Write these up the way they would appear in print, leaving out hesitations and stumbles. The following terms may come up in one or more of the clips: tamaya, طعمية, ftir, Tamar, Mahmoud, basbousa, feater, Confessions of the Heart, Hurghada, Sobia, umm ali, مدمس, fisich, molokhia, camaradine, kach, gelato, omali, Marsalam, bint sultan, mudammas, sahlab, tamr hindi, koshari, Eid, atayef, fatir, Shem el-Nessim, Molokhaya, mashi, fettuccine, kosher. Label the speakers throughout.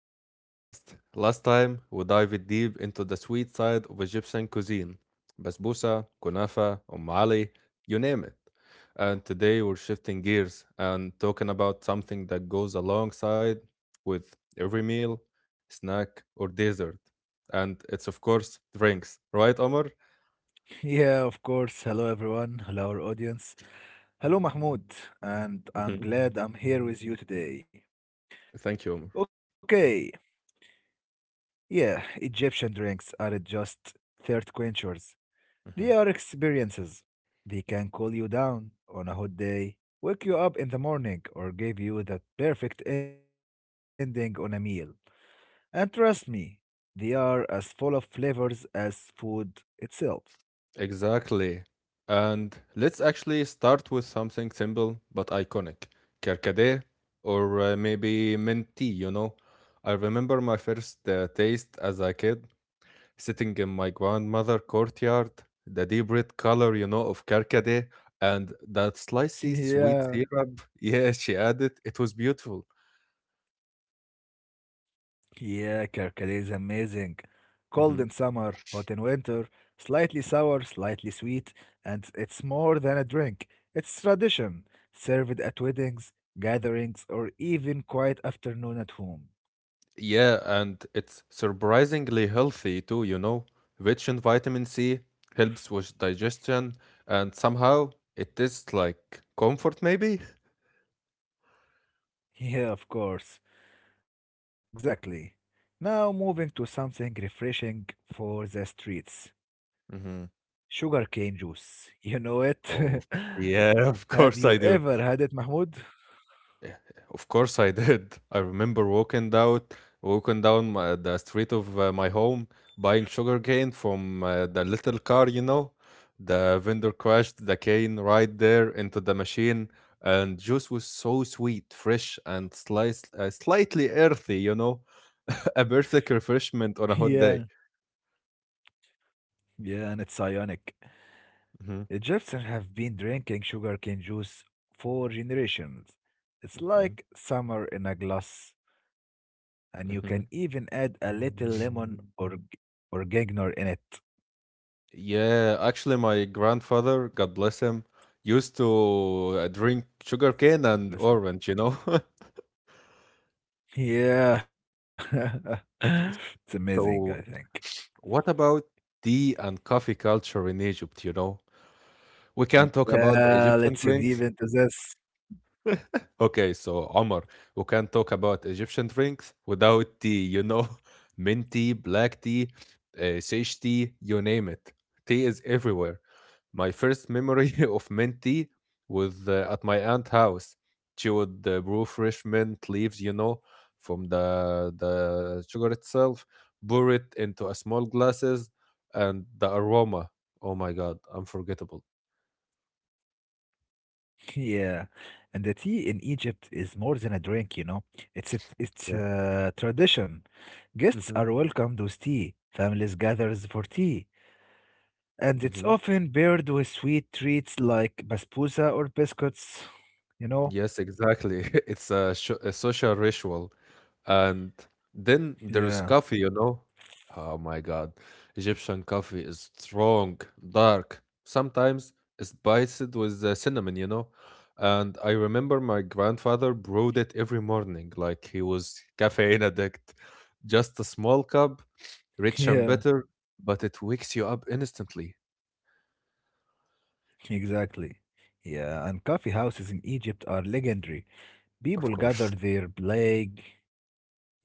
Speaker 1: to our podcast. Last time, we dived deep into the sweet side of Egyptian cuisine: basbousa, kunafa, ali, you name it. And today, we're shifting gears and talking about something that goes alongside with every meal, snack, or dessert. And it's, of course, drinks, right, Omar?
Speaker 2: Yeah, of course. Hello, everyone. Hello, our audience. Hello, Mahmoud. And
Speaker 1: Mhm.
Speaker 2: I'm glad I'm here with you today.
Speaker 1: Thank you, Omar.
Speaker 2: Okay, yeah, Egyptian drinks aren't just thirst quenchers, they are
Speaker 1: Mm-hmm.
Speaker 2: experiences. They can cool you down on a hot day, wake you up in the morning, or give you that perfect ending on a meal. And trust me, they are as full of flavors as food itself.
Speaker 1: Exactly. And let's actually start with something simple but iconic. Kerkade or maybe mint tea. I remember my first taste as a kid sitting in my grandmother's courtyard, the deep red color, of kerkade and that slicey
Speaker 2: yeah.
Speaker 1: sweet syrup. Yeah, she added. It was beautiful.
Speaker 2: Yeah, Kerkade is amazing. Cold in
Speaker 1: Mm-hmm.
Speaker 2: summer, hot in winter, slightly sour, slightly sweet, and it's more than a drink. It's tradition, served at weddings, gatherings, or even quiet afternoon at home.
Speaker 1: Yeah, and it's surprisingly healthy too. Rich in vitamin C, helps with digestion, and somehow it tastes like comfort, maybe?
Speaker 2: Yeah, of course. Exactly. Now moving to something refreshing for the streets.
Speaker 1: Hmm.
Speaker 2: Sugarcane juice. You know it?
Speaker 1: Oh, yeah, of
Speaker 2: Have
Speaker 1: course I
Speaker 2: you
Speaker 1: do.
Speaker 2: ever had it, Mahmoud?
Speaker 1: Yeah, of course I did. I remember walking down the street of my home, buying sugar cane from the little car. The vendor crashed the cane right there into the machine, and juice was so sweet, fresh, and sliced, slightly earthy. A perfect refreshment on a hot
Speaker 2: Yeah,
Speaker 1: day.
Speaker 2: yeah, and it's ionic.
Speaker 1: Hmm.
Speaker 2: Egyptians have been drinking sugarcane juice for generations. It's
Speaker 1: Hmm.
Speaker 2: like summer in a glass, and you can even
Speaker 1: Hmm.
Speaker 2: add a little lemon or gangner in it.
Speaker 1: Yeah, actually, my grandfather, God bless him, used to drink sugar cane and
Speaker 2: Listen.
Speaker 1: orange.
Speaker 2: Yeah. It's amazing, I think.
Speaker 1: So, what about tea and coffee culture in Egypt? We can talk about the
Speaker 2: Yeah, let's
Speaker 1: Egyptian.
Speaker 2: dive into this.
Speaker 1: Okay, so Omar, we can talk about Egyptian drinks without tea, you know? Mint tea, black tea, sage tea, you name it. Tea is everywhere. My first memory of mint tea was at my aunt's house. She would brew fresh mint leaves, from the sugar itself, pour it into a small glasses, and the aroma. Oh my God, unforgettable.
Speaker 2: Yeah. And the tea in Egypt is more than a drink, you know. It's a, it's
Speaker 1: Yeah.
Speaker 2: a tradition. Guests
Speaker 1: Mm-hmm.
Speaker 2: are welcomed with tea. Families gathers for tea and it's often paired with sweet treats like basbousa or biscuits, you know?
Speaker 1: Yes, exactly. It's a social ritual. And then there's
Speaker 2: Yeah,
Speaker 1: coffee, you know? Oh my God. Egyptian coffee is strong, dark, sometimes spiced with cinnamon, you know? And I remember my grandfather brewed it every morning, like he was caffeine addict. Just a small cup,
Speaker 2: yeah,
Speaker 1: rich and bitter, but it wakes you up instantly,
Speaker 2: exactly. Yeah, and coffee houses in Egypt are legendary.
Speaker 1: of
Speaker 2: People gather
Speaker 1: course.
Speaker 2: their plague,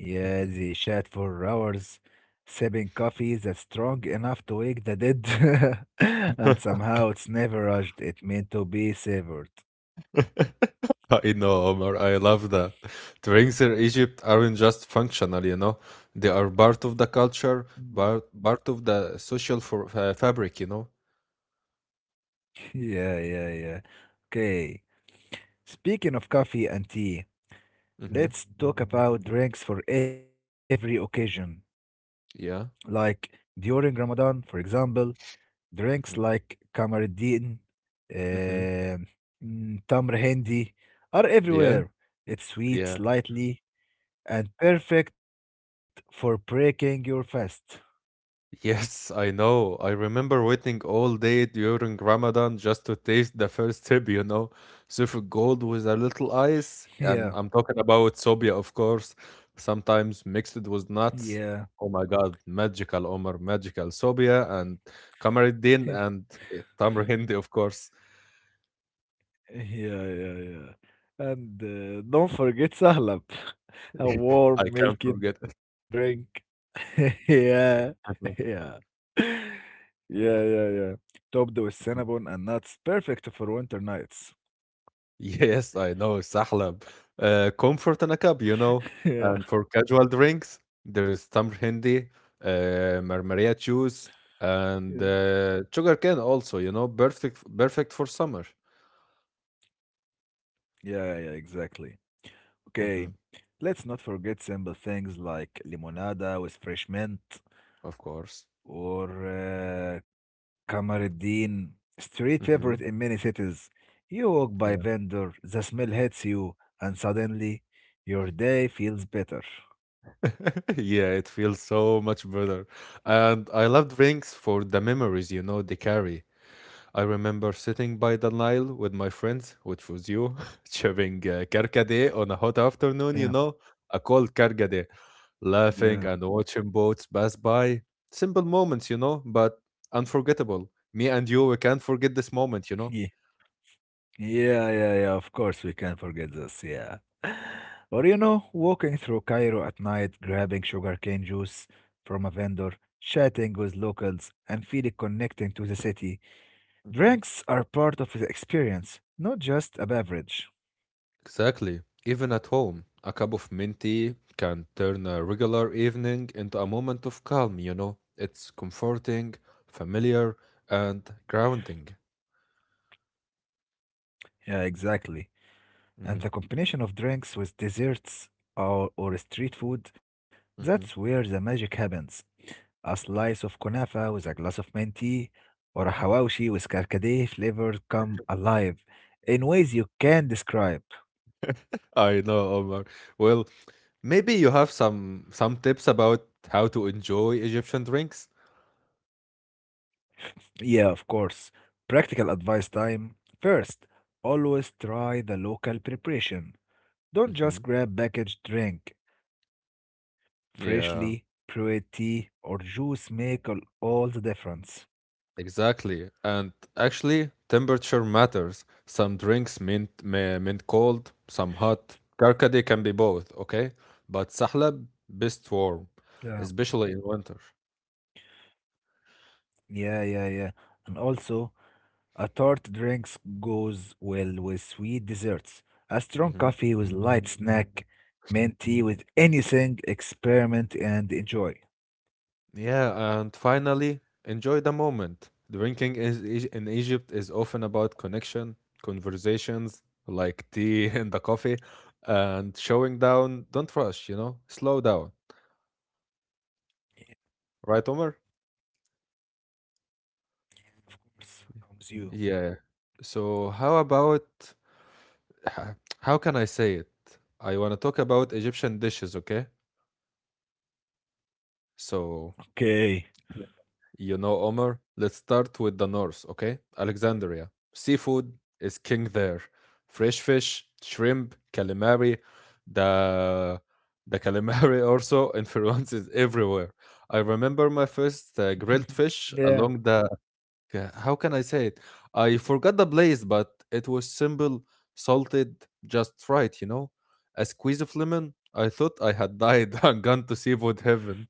Speaker 2: yeah,
Speaker 1: Mhm.
Speaker 2: they chat for hours, sipping coffee that's strong enough to wake the dead, and somehow it's never rushed, it meant to be savored.
Speaker 1: I know, Omar. I love that. Drinks in Egypt aren't just functional. They are part of the culture,
Speaker 2: Mm.
Speaker 1: part of the social fabric.
Speaker 2: Yeah, yeah, yeah. Okay, speaking of coffee and tea.
Speaker 1: Hmm.
Speaker 2: Let's talk about drinks for every occasion.
Speaker 1: Yeah.
Speaker 2: Like during Ramadan, for example, drinks
Speaker 1: Hmm.
Speaker 2: like Kamaruddin,
Speaker 1: Hmm.
Speaker 2: uh, Tamr Hindi are
Speaker 1: Yeah.
Speaker 2: everywhere. It's sweet,
Speaker 1: Yeah.
Speaker 2: slightly, and perfect for breaking your fast.
Speaker 1: Yes, I know. I remember waiting all day during Ramadan just to taste the first sip. Suffolk Gold with a little ice,
Speaker 2: Yeah,
Speaker 1: and I'm talking about Sobia, of course, sometimes mixed with nuts.
Speaker 2: yeah,
Speaker 1: Oh my God, magical Omar, magical Sobia, and
Speaker 2: Yeah,
Speaker 1: Kamaruddin, and Tamar of course.
Speaker 2: yeah, yeah. And don't forget sahlab, a
Speaker 1: I
Speaker 2: warm
Speaker 1: can't
Speaker 2: milky
Speaker 1: forget it.
Speaker 2: drink. Yeah. Yeah. Yeah, yeah, yeah. Topped with cinnamon and nuts, perfect for winter nights.
Speaker 1: Yes, I know, sahlab. Comfort in a cup.
Speaker 2: Yeah,
Speaker 1: And for casual drinks, there is tamr hindi, marmaria juice,
Speaker 2: yeah.
Speaker 1: and sugar cane also, perfect for summer.
Speaker 2: Yeah, yeah, exactly. Okay,
Speaker 1: Hmm.
Speaker 2: let's not forget simple things like limonada with fresh mint
Speaker 1: Of course.
Speaker 2: or uh, camaradine, street
Speaker 1: Hmm.
Speaker 2: favorite in many cities. You walk by
Speaker 1: Yeah.
Speaker 2: vendor, the smell hits you, and suddenly your day feels better.
Speaker 1: Yeah, it feels so much better. And I love drinks for the memories, they carry. I remember sitting by the Nile with my friends, which was you, chewing carcade on a hot
Speaker 2: Yeah,
Speaker 1: afternoon, a cold carcade,
Speaker 2: yeah,
Speaker 1: laughing and watching boats pass by. Simple moments, but unforgettable. Me and you, we can't forget this moment.
Speaker 2: Yeah, yeah, yeah. Of course, we can't forget this. Yeah. Or, you know, walking through Cairo at night, grabbing sugarcane juice from a vendor, chatting with locals, and feeling connecting to the city.
Speaker 1: Mhm.
Speaker 2: Drinks are part of the experience, not just a beverage.
Speaker 1: Exactly. Even at home, a cup of mint tea can turn a regular evening into a moment of calm, you know? It's comforting, familiar, and grounding.
Speaker 2: Yeah, exactly.
Speaker 1: Hmm.
Speaker 2: And the combination of drinks with desserts or street food,
Speaker 1: Hmm.
Speaker 2: that's where the magic happens. A slice of kunafa with a glass of mint tea, or a hawashi with karkade flavor come alive in ways you can describe.
Speaker 1: I know, Omar. Well, maybe you have some tips about how to enjoy Egyptian drinks.
Speaker 2: Yeah, of course. Practical advice time. First, always try the local preparation. Don't just
Speaker 1: Hmm.
Speaker 2: grab packaged drink. Freshly
Speaker 1: Yeah.
Speaker 2: brewed tea or juice make all the difference.
Speaker 1: Exactly. And actually, temperature matters. Some drinks mint cold, some hot. Karkade can be both, okay? But sahlab best warm,
Speaker 2: Yeah.
Speaker 1: especially in winter.
Speaker 2: Yeah, yeah, yeah. And also, a tart drinks goes well with sweet desserts. A strong
Speaker 1: Mhm.
Speaker 2: coffee with light snack, mint tea with anything, experiment and enjoy.
Speaker 1: Yeah, and finally, enjoy the moment. Drinking in Egypt is often about connection, conversations like tea and the coffee, and showing down. Don't rush, slow down.
Speaker 2: Yeah,
Speaker 1: Right, Omar?
Speaker 2: of course. Comes you.
Speaker 1: Yeah. So, how about h- how can I say it? I want to talk about Egyptian dishes, okay? So,
Speaker 2: Okay.
Speaker 1: Omar, let's start with the north, okay? Alexandria. Seafood is king there. Fresh fish, shrimp, calamari. The the calamari also influences everywhere. I remember my first grilled fish along the
Speaker 2: Yeah.
Speaker 1: how can I say it? I forgot the place, but it was simple, salted, just right, you know? A squeeze of lemon. I thought I had died and gone to seafood heaven.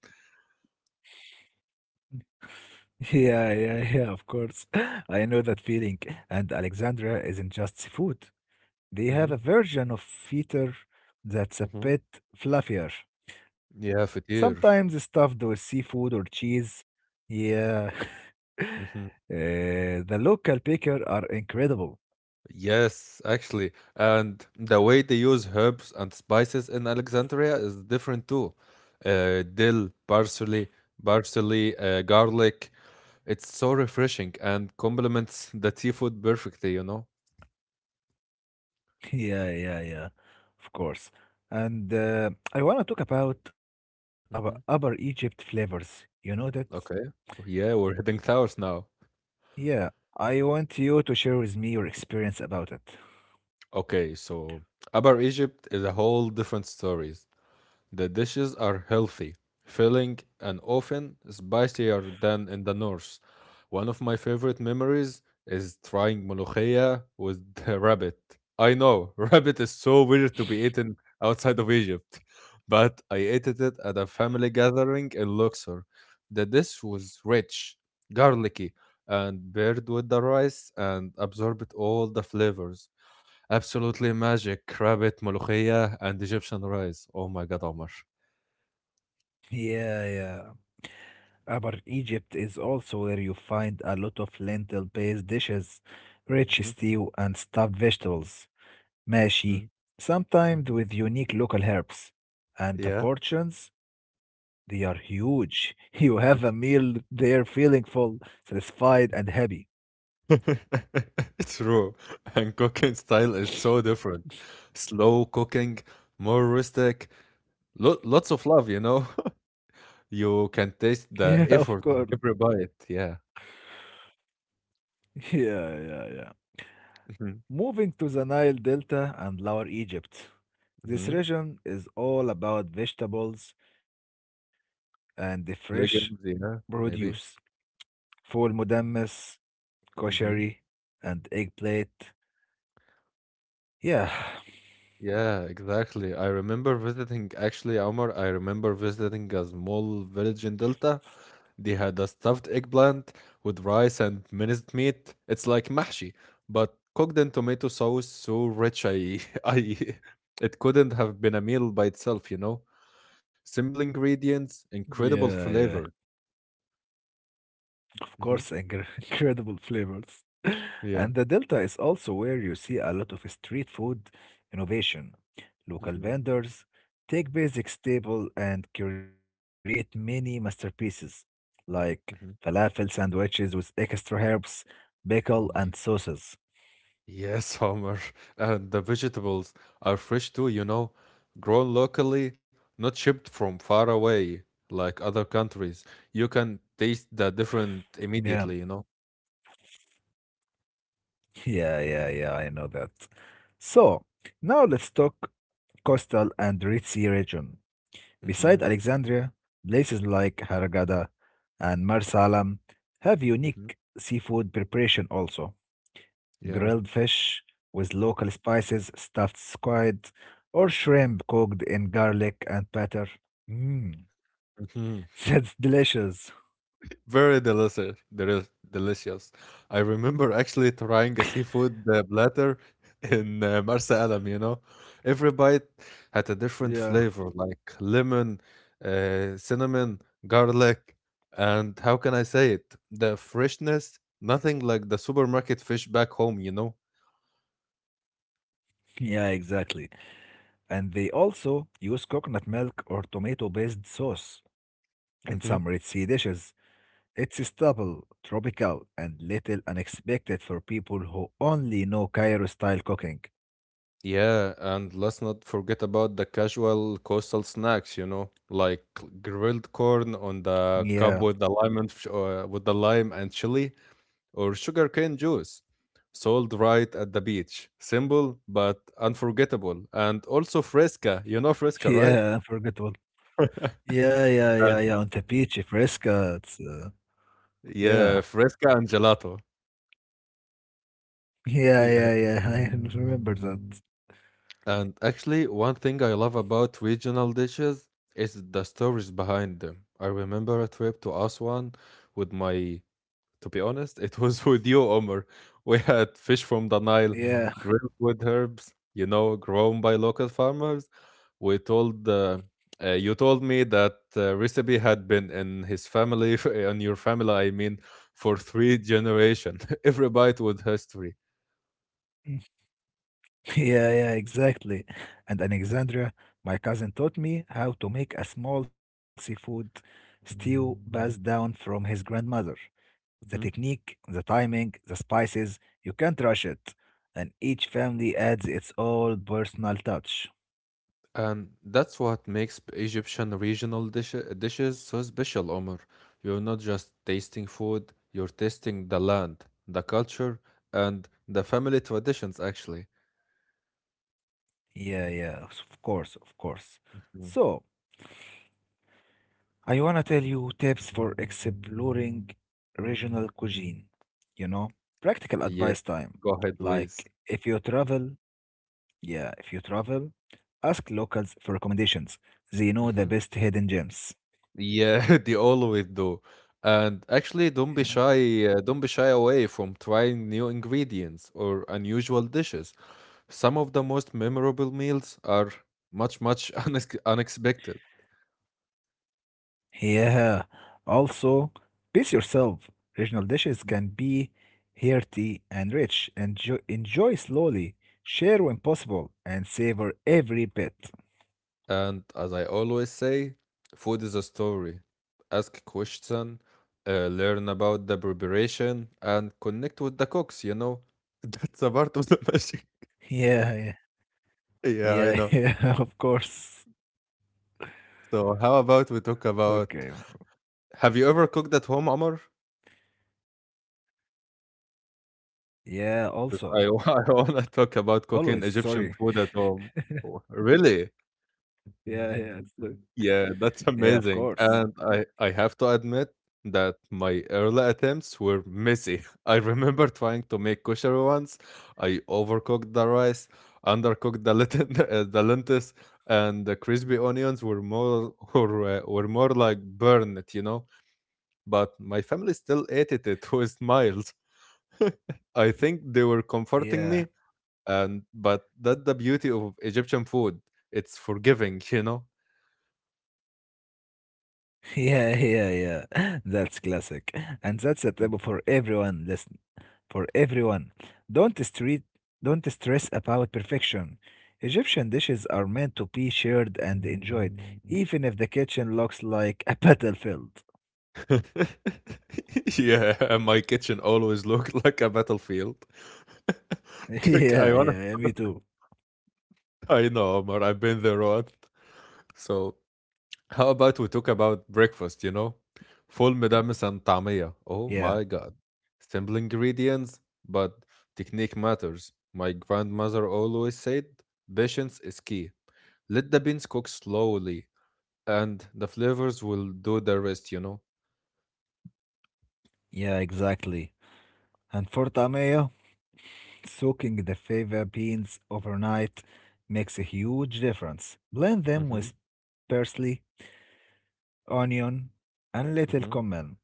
Speaker 2: Yeah, yeah, yeah, of course. I know that feeling. And Alexandria isn't just seafood.
Speaker 1: Mm-hmm.
Speaker 2: They have a version of feater
Speaker 1: Mm-hmm.
Speaker 2: that's a bit fluffier.
Speaker 1: Yeah, fatir.
Speaker 2: Sometimes stuffed with seafood or cheese. Yeah.
Speaker 1: Mm-hmm.
Speaker 2: The local picker are incredible.
Speaker 1: Yes, actually. And the way they use herbs and spices in Alexandria is different too. Dill, parsley, garlic. It's so refreshing and complements the seafood perfectly, you know?
Speaker 2: Yeah, yeah, yeah. Of course. And I want to talk about Upper Egypt flavors. You know that?
Speaker 1: Okay. Yeah, we're hitting towers now.
Speaker 2: Yeah, I want you to share with me your experience about it.
Speaker 1: Okay, so Upper Egypt is a whole different story. The dishes are healthy, filling, and often spicier than in the north. One of my favorite memories is trying molokhia with the rabbit. I know, rabbit is so weird to be eaten outside of Egypt, but I ate it at a family gathering in Luxor. The dish was rich, garlicky, and paired with the rice and absorbed all the flavors. Absolutely magic, rabbit, molokhia, and Egyptian rice. Oh my God, Omar.
Speaker 2: Yeah, yeah. About Egypt is also where you find a lot of lentil-based dishes, rich
Speaker 1: Mhm,
Speaker 2: stew and stuffed vegetables, mashi,
Speaker 1: mhm,
Speaker 2: sometimes
Speaker 1: mhm.
Speaker 2: with unique local herbs. And the
Speaker 1: Yeah.
Speaker 2: portions, they are huge. You have a meal there feeling full, satisfied, and happy.
Speaker 1: True. And cooking style is so different. Slow cooking, more rustic, lo lots of love, you know? You can taste
Speaker 2: Yeah, Mm,
Speaker 1: the
Speaker 2: of mm.
Speaker 1: effort
Speaker 2: course.
Speaker 1: every bite. Yeah.
Speaker 2: Yeah, yeah, yeah.
Speaker 1: Mm-hmm.
Speaker 2: Moving to the Nile Delta and Lower Egypt. This
Speaker 1: Mm-hmm.
Speaker 2: region is all about vegetables and the fresh
Speaker 1: Legumes, yeah,
Speaker 2: produce.
Speaker 1: maybe.
Speaker 2: Full mudammas, koshari,
Speaker 1: Mm-hmm.
Speaker 2: and eggplant. Yeah,
Speaker 1: Yeah, exactly. I remember visiting, actually, Omar, I remember visiting a small village in Delta. They had a stuffed eggplant with rice and minced meat. It's like mahshi, but cooked in tomato sauce so rich I, I, it couldn't have been a meal by itself, you know? Simple ingredients,
Speaker 2: Yeah,
Speaker 1: incredible
Speaker 2: yeah.
Speaker 1: flavor.
Speaker 2: Of course,
Speaker 1: Hmm.
Speaker 2: incredible flavors. And the
Speaker 1: Yeah.
Speaker 2: Delta is also where you see a lot of street food innovation. Local
Speaker 1: Hmm.
Speaker 2: vendors take basic staple and create many masterpieces, like
Speaker 1: Hmm.
Speaker 2: falafel sandwiches with extra herbs, pickle, and
Speaker 1: Oh my.
Speaker 2: sauces.
Speaker 1: Yes, Homer. And the vegetables are fresh too, grown locally, not shipped from far away like other countries. You can taste the different
Speaker 2: Yeah,
Speaker 1: immediately.
Speaker 2: yeah, yeah, yeah, I know that. So, now let's talk coastal and ritzy region. Beside
Speaker 1: Mm-hmm.
Speaker 2: Alexandria, places like Hurghada and Marsalam have
Speaker 1: Mm-hmm.
Speaker 2: unique seafood preparation also.
Speaker 1: Yeah.
Speaker 2: Grilled fish with local spices, stuffed squid, or shrimp cooked in garlic and butter. Mmm, that's
Speaker 1: Mhm.
Speaker 2: delicious.
Speaker 1: Very delicious. Delicious. I remember actually trying a seafood platter in Marsa Alam. Every bite had a different
Speaker 2: Yeah,
Speaker 1: flavor, like lemon, cinnamon, garlic, and how can I say it? The freshness, nothing like the supermarket fish back home.
Speaker 2: yeah, exactly. And they also use coconut milk or tomato based sauce in
Speaker 1: Hmm.
Speaker 2: some red sea dishes. It's stable, tropical, and little unexpected for people who only know Cairo style cooking.
Speaker 1: Yeah, and let's not forget about the casual coastal snacks, like grilled corn on
Speaker 2: Yeah,
Speaker 1: the cob with the lime and with the lime and chili or sugarcane juice, sold right at the beach. Simple but unforgettable, and also fresca. You know fresca, right?
Speaker 2: yeah, unforgettable. Yeah, yeah, yeah,
Speaker 1: And
Speaker 2: yeah, on the beach, fresca. Yeah,
Speaker 1: yeah, fresca and gelato.
Speaker 2: yeah,
Speaker 1: Yeah.
Speaker 2: yeah, yeah, I remember that.
Speaker 1: And actually, one thing I love about regional dishes is the stories behind them. I remember a trip to Aswan with my to be honest, it was with you, Omar. We had fish from the Nile,
Speaker 2: Yeah,
Speaker 1: grilled with herbs, grown by local farmers. We told you told me that recipe had been in his family, in your family, I mean, for three generation. Every bite with history.
Speaker 2: yeah, yeah, exactly. And Alexandria, my cousin taught me how to make a small seafood stew passed down from his grandmother. The technique, the timing, the spices, you can't rush it. And each family adds its own personal touch.
Speaker 1: And that's what makes Egyptian regional dishes so special, Omar. You're not just tasting food, you're tasting the land, the culture, and the family traditions, actually.
Speaker 2: Yeah, yeah, of course, of course.
Speaker 1: Mm.
Speaker 2: So, I wanna tell you tips for exploring regional cuisine. You know, practical
Speaker 1: Yes,
Speaker 2: advice time.
Speaker 1: go ahead, please.
Speaker 2: Like, if you travel, yeah, if you travel, ask locals for recommendations.
Speaker 1: Hmm.
Speaker 2: They know the best hidden gems.
Speaker 1: Yeah, they always do. And actually, don't be shy away from trying new ingredients or unusual dishes. Some of the most memorable meals are much, much unexpected.
Speaker 2: Yeah. Also, pace yourself. Regional dishes can be hearty and rich. Enjoy slowly, share when possible, and savor every bit.
Speaker 1: And as I always say, food is a story. Ask question, learn about the preparation, and connect with the cooks, you know? That's a part of the magic.
Speaker 2: Yeah, yeah,
Speaker 1: Yeah,
Speaker 2: yeah,
Speaker 1: I know.
Speaker 2: yeah, of course.
Speaker 1: So how about we talk
Speaker 2: Okay. Man.
Speaker 1: about. Have you ever cooked at home, Amr?
Speaker 2: Yeah, also.
Speaker 1: 'Cause I, I want to talk about
Speaker 2: Always,
Speaker 1: cooking Egyptian
Speaker 2: sorry.
Speaker 1: food at home. Oh, really?
Speaker 2: Yeah, yeah,
Speaker 1: Yeah, that's
Speaker 2: yeah,
Speaker 1: amazing.
Speaker 2: of
Speaker 1: And
Speaker 2: course.
Speaker 1: I have to admit that my early attempts were messy. I remember trying to make kosher once. I overcooked the rice, undercooked the lentils, and the crispy onions were more were more like burn it, you know. But my family still ate it with smiles. I think they were comforting me,
Speaker 2: Yeah,
Speaker 1: and but that's the beauty of Egyptian food. It's forgiving.
Speaker 2: yeah, yeah, yeah. That's classic. And that's a table for everyone. Listen. For everyone. Don't street, don't stress about perfection. Egyptian dishes are meant to be shared and enjoyed, even if the kitchen looks like a battlefield.
Speaker 1: Yeah, and my kitchen always looked like a battlefield. Like,
Speaker 2: yeah,
Speaker 1: I wanna,
Speaker 2: yeah, yeah, me too.
Speaker 1: I know, Omar, I've been there once. So, how about we talk about breakfast, you know? Full مدمس and طعمية.
Speaker 2: Yeah,
Speaker 1: Oh my God. Simple ingredients, but technique matters. My grandmother always said, patience is key. Let the beans cook slowly, and the flavors will do the rest, you know?
Speaker 2: yeah, exactly. And for tamaya, soaking the fava beans overnight makes a huge difference. Blend them
Speaker 1: Mm-hmm,
Speaker 2: with parsley, onion, and little
Speaker 1: mm-hmm,
Speaker 2: cumin.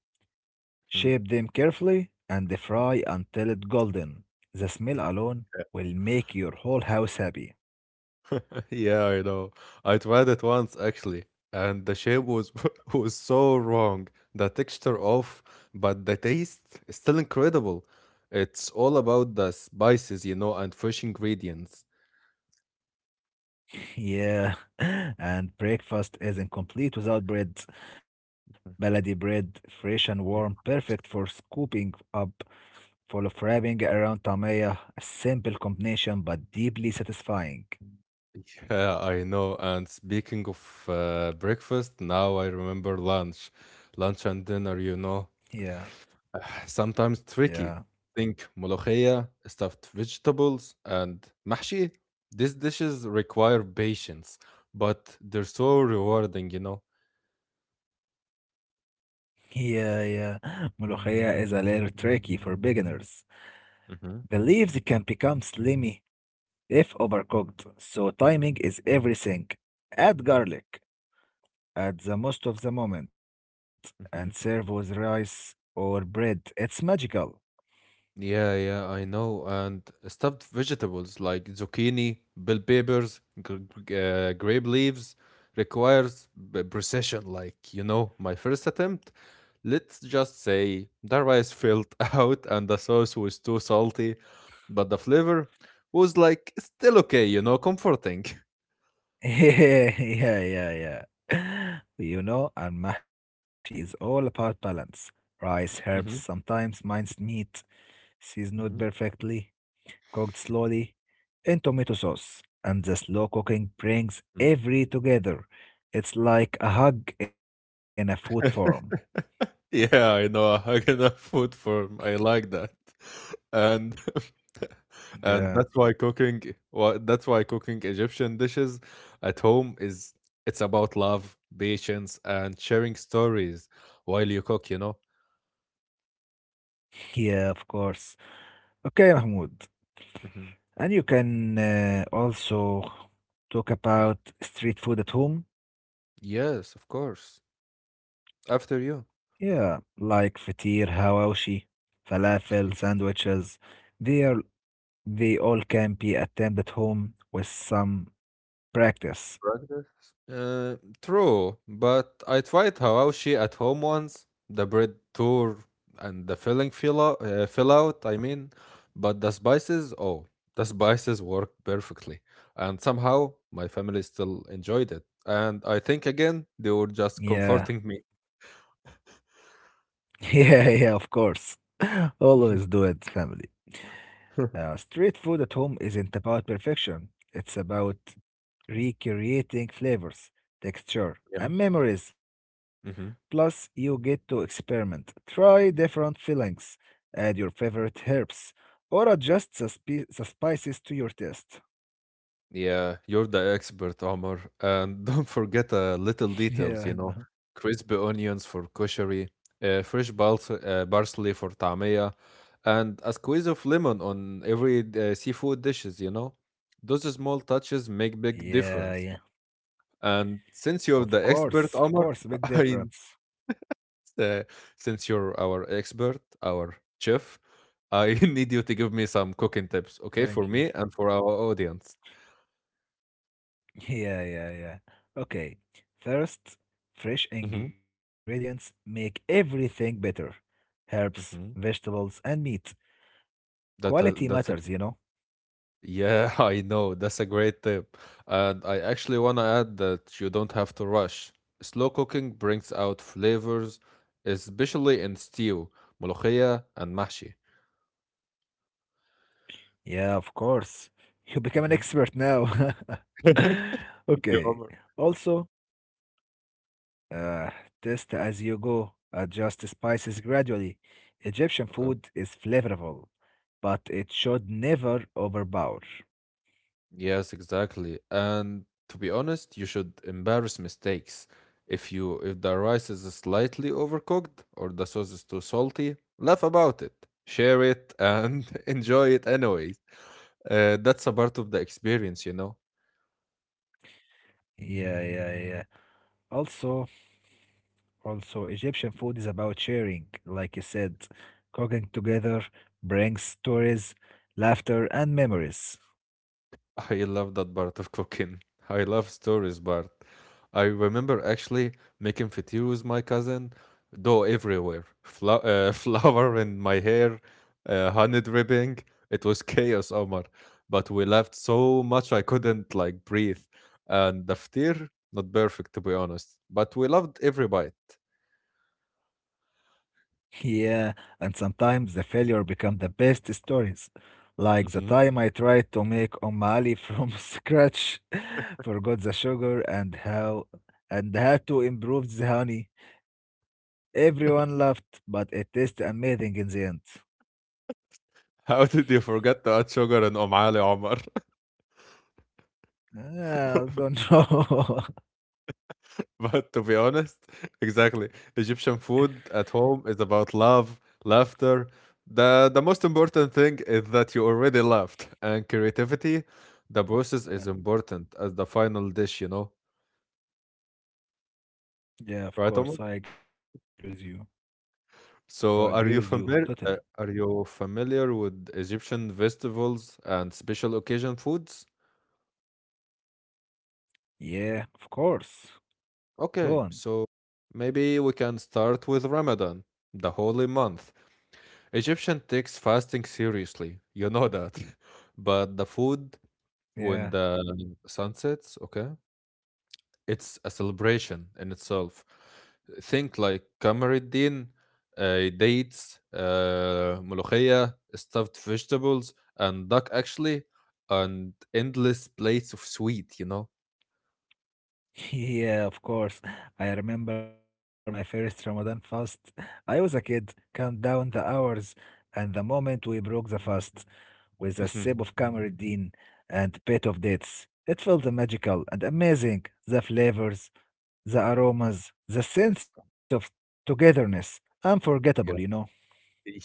Speaker 2: Shape them carefully and fry until it's golden. The smell alone will make your whole house happy.
Speaker 1: Yeah, I know. I tried it once actually, and the shape was was so wrong. The texture off, but the taste is still incredible. It's all about the spices, and fresh ingredients.
Speaker 2: yeah, and breakfast isn't complete without bread. Baladi bread, fresh and warm,
Speaker 1: Yeah, of
Speaker 2: perfect for
Speaker 1: course.
Speaker 2: scooping up, full of wrapping around tamaya. A simple combination but deeply satisfying.
Speaker 1: Yeah, I know. And speaking of breakfast, now I remember lunch. Lunch and dinner,
Speaker 2: Yeah,
Speaker 1: sometimes tricky.
Speaker 2: yeah.
Speaker 1: Think molokhaya, stuffed vegetables, and mahshi. These dishes require patience, but they're so rewarding, you know.
Speaker 2: Yeah, yeah. Molokhaya is a little tricky for beginners. The
Speaker 1: Mm-hmm.
Speaker 2: leaves can become slimy If overcooked, so timing is everything. Add garlic at the most of the moment and serve with rice or bread. It's magical.
Speaker 1: Yeah, yeah, I know. And stuffed vegetables like zucchini, bell peppers, grape leaves requires precision. Like, you know, my first attempt, let's just say the rice filled out and the sauce was too salty, but the flavor was like still okay, you know, comforting.
Speaker 2: Yeah, yeah, yeah, you know, and mahshi is all about balance. Rice, herbs,
Speaker 1: Mm-hmm.
Speaker 2: sometimes minced meat, seasoned
Speaker 1: Mm-hmm.
Speaker 2: perfectly. Cooked slowly, in tomato sauce, and the slow cooking brings every together. It's like a hug in a food form.
Speaker 1: Yeah, I know, a Hagenah food form. I like that. And
Speaker 2: Yeah,
Speaker 1: and that's why cooking Egyptian dishes at home is it's about love, patience, and sharing stories while you cook, you know?
Speaker 2: yeah, of course. Okay, Mahmoud.
Speaker 1: Mhm.
Speaker 2: And you can also talk about street food at home.
Speaker 1: Yes, of course. After you.
Speaker 2: Yeah, like fatir, hawashi, falafel, sandwiches. They are they all can be attempted at home with some practice.
Speaker 1: Practice? True, but I tried hawashi at home once, the bread tour and the filling fill out, I mean, but the spices, oh, the spices worked perfectly, and somehow my family still enjoyed it. And I think again, they were just
Speaker 2: Yeah.
Speaker 1: comforting me.
Speaker 2: Yeah, yeah, of course. Always do it, family. Street food at home isn't about perfection. It's about recreating flavors, texture,
Speaker 1: Yeah.
Speaker 2: and memories.
Speaker 1: Mhm.
Speaker 2: Plus, you get to experiment, try different fillings, add your favorite herbs, or adjust the spices to your taste.
Speaker 1: Yeah, you're the expert, Omar. And don't forget little details, you know,
Speaker 2: yeah, I know.
Speaker 1: crispy onions for koshari, fresh bals parsley for tamia, and a squeeze of lemon on every seafood dishes, you know. Those small touches make big
Speaker 2: Yeah,
Speaker 1: difference.
Speaker 2: yeah.
Speaker 1: And since you're the expert,
Speaker 2: Of
Speaker 1: Omar,
Speaker 2: course, big
Speaker 1: I,
Speaker 2: difference.
Speaker 1: uh, since you're our expert, our chef, I need you to give me some cooking tips, okay, for
Speaker 2: Thank you.
Speaker 1: me and for our audience.
Speaker 2: Yeah, yeah, yeah. Okay. First,
Speaker 1: Mm-hmm.
Speaker 2: fresh ingredients make everything better. Herbs,
Speaker 1: Mm-hmm.
Speaker 2: vegetables, and meat.
Speaker 1: That that's
Speaker 2: Quality matters, you know?
Speaker 1: Yeah, I know. That's a great tip. And I actually want to add that you don't have to rush. Slow cooking brings out flavors, especially in stew, molokhia, and mashi.
Speaker 2: Yeah, of course. You become an
Speaker 1: Mhm.
Speaker 2: expert now.
Speaker 1: You
Speaker 2: Okay.
Speaker 1: over.
Speaker 2: Also, uh, test as you go. Adjust spices gradually. Egyptian
Speaker 1: Okay.
Speaker 2: food is flavorful, but it should never overpower.
Speaker 1: Yes, exactly. And to be honest, you should embarrass mistakes. If the rice is slightly overcooked or the sauce is too salty, laugh about it, share it, and enjoy it anyways. That's a part of the experience, you know.
Speaker 2: Yeah, yeah, yeah. Also, Also, Egyptian food is about sharing, like you said. Cooking together brings stories, laughter, and memories.
Speaker 1: I love that part of cooking. I love stories, Bart. I remember actually making fettuccine with my cousin, dough everywhere, flour in my hair, honey dripping. It was chaos, Omar. But we left so much I couldn't like breathe. And the ftir, not perfect to be honest, but we loved every bite.
Speaker 2: Yeah, and sometimes the failure become the best stories. Like the time
Speaker 1: Hmm.
Speaker 2: I tried to make omali from scratch, forgot the sugar and how and had to improve the honey. Everyone laughed, but it tasted amazing in the end.
Speaker 1: How did you forget to add sugar in Omali, Omar?
Speaker 2: I don't know.
Speaker 1: But to be honest, exactly. Egyptian food at home is about love, laughter. The most important thing is that you already laughed and creativity. The process is important as the final dish, you know,
Speaker 2: Yeah, of
Speaker 1: right,
Speaker 2: course,
Speaker 1: Omar?
Speaker 2: I agree with you. Oh, I agree with
Speaker 1: So,
Speaker 2: you
Speaker 1: are you
Speaker 2: totally.
Speaker 1: familiar? Are you familiar with Egyptian festivals and special occasion foods?
Speaker 2: Yeah, of course. Go
Speaker 1: Okay,
Speaker 2: on.
Speaker 1: so maybe we can start with Ramadan, the holy month. Egyptian takes fasting seriously. You know that. But the food
Speaker 2: Yeah.
Speaker 1: when the sun sets, okay, it's a celebration in itself. Think like Kamaruddin, dates, molokhia, stuffed vegetables, and duck actually, and endless plates of sweet, you know?
Speaker 2: Yeah, of course. I remember my first Ramadan fast. I was a kid, count down the hours, and the moment we broke the fast with a sip
Speaker 1: Mhm.
Speaker 2: of Kamaruddin and bit of dates, it felt magical and amazing. The flavors, the aromas, the sense of togetherness, unforgettable, you know?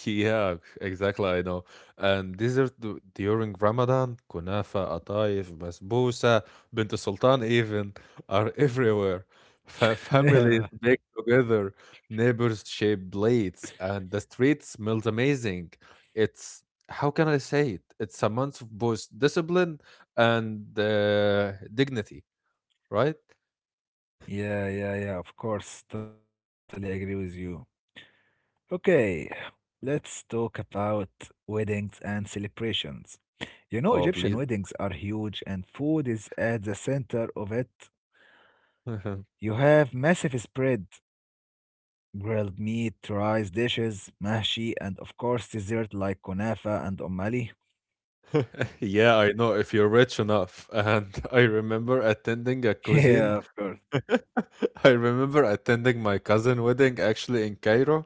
Speaker 1: Yeah, exactly. I know. And during Ramadan, kunafa, atayef, basbousa, bint sultan even are everywhere. Families bake together, neighbors shape plates, and the street smells amazing. It's how can I say it? It's a month of both discipline and dignity, right?
Speaker 2: Yeah, yeah, yeah, yeah, of course. Totally agree with you. Okay, let's talk about weddings and celebrations. You know,
Speaker 1: Oh,
Speaker 2: Egyptian
Speaker 1: please.
Speaker 2: weddings are huge and food is at the center of it. You have massive spread, grilled meat, rice dishes, mahshi, and of course dessert like kunafa and omali.
Speaker 1: Yeah, I know if you're rich enough. And I remember attending a
Speaker 2: Yeah,
Speaker 1: cuisine
Speaker 2: Mm. of course.
Speaker 1: I remember attending my cousin wedding actually in Cairo.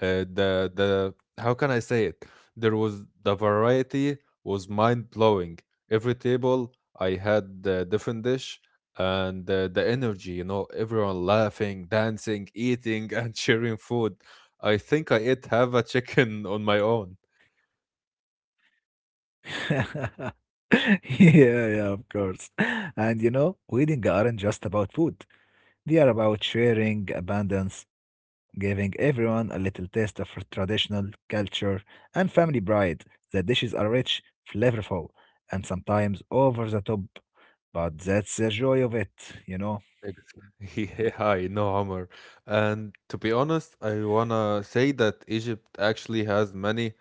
Speaker 1: The How can I say it? The variety was mind blowing. Every table I had a different dish and the energy, you know, everyone laughing, dancing, eating, and sharing food. I think I ate half a chicken on my own.
Speaker 2: Yeah, yeah, of course. And you know, weddings aren't just about food. They are about sharing, abundance, giving everyone a little taste of traditional culture and family pride. The dishes are rich, flavorful, and sometimes over the top, but that's the joy of it, you know.
Speaker 1: Ex- Yeah, I know, Omar. And to be honest, I wanna say that Egypt actually has many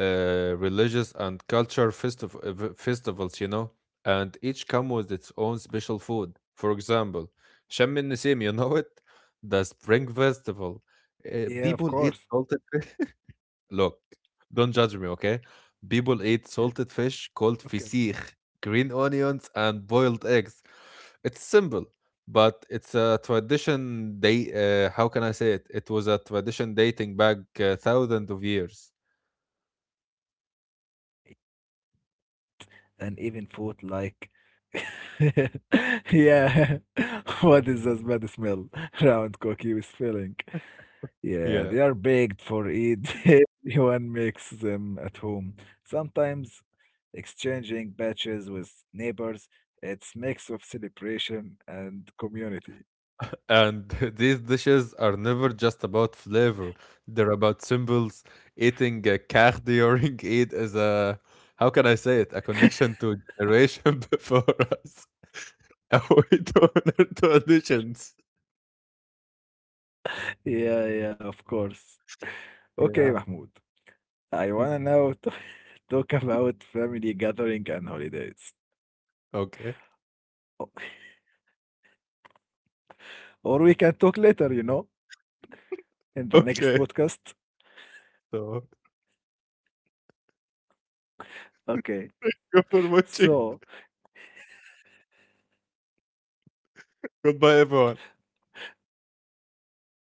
Speaker 1: religious and culture festivals, you know, and each come with its own special food. For example, Shem el-Nessim, you know it? The Spring Festival.
Speaker 2: Yeah, of course.
Speaker 1: People eat salted Look, don't judge me, okay? People eat
Speaker 2: Yeah.
Speaker 1: salted fish called
Speaker 2: Okay.
Speaker 1: fisich, green onions, and boiled eggs. It's simple, but it's a tradition. They, how can I say it? It was a tradition dating back thousands of years.
Speaker 2: And even food like, yeah, what is this bad smell? Round cookie with filling. Yeah,
Speaker 1: Yeah.
Speaker 2: they are baked for Eid. Everyone makes them at home. Sometimes exchanging batches with neighbors. It's mix of celebration and community.
Speaker 1: And these dishes are never just about flavor. They're about symbols. Eating a kach during Eid is a, how can I say it? A connection to generation before us. A way to honor traditions.
Speaker 2: Yeah, yeah, of course. Okay,
Speaker 1: Yeah.
Speaker 2: Mahmoud. I
Speaker 1: Hmm.
Speaker 2: wanna now t- talk about family gathering and holidays.
Speaker 1: Okay.
Speaker 2: O- Or we can talk later, you know, in the next
Speaker 1: Okay.
Speaker 2: podcast.
Speaker 1: So,
Speaker 2: Okay.
Speaker 1: thank you for watching.
Speaker 2: So,
Speaker 1: Goodbye, everyone.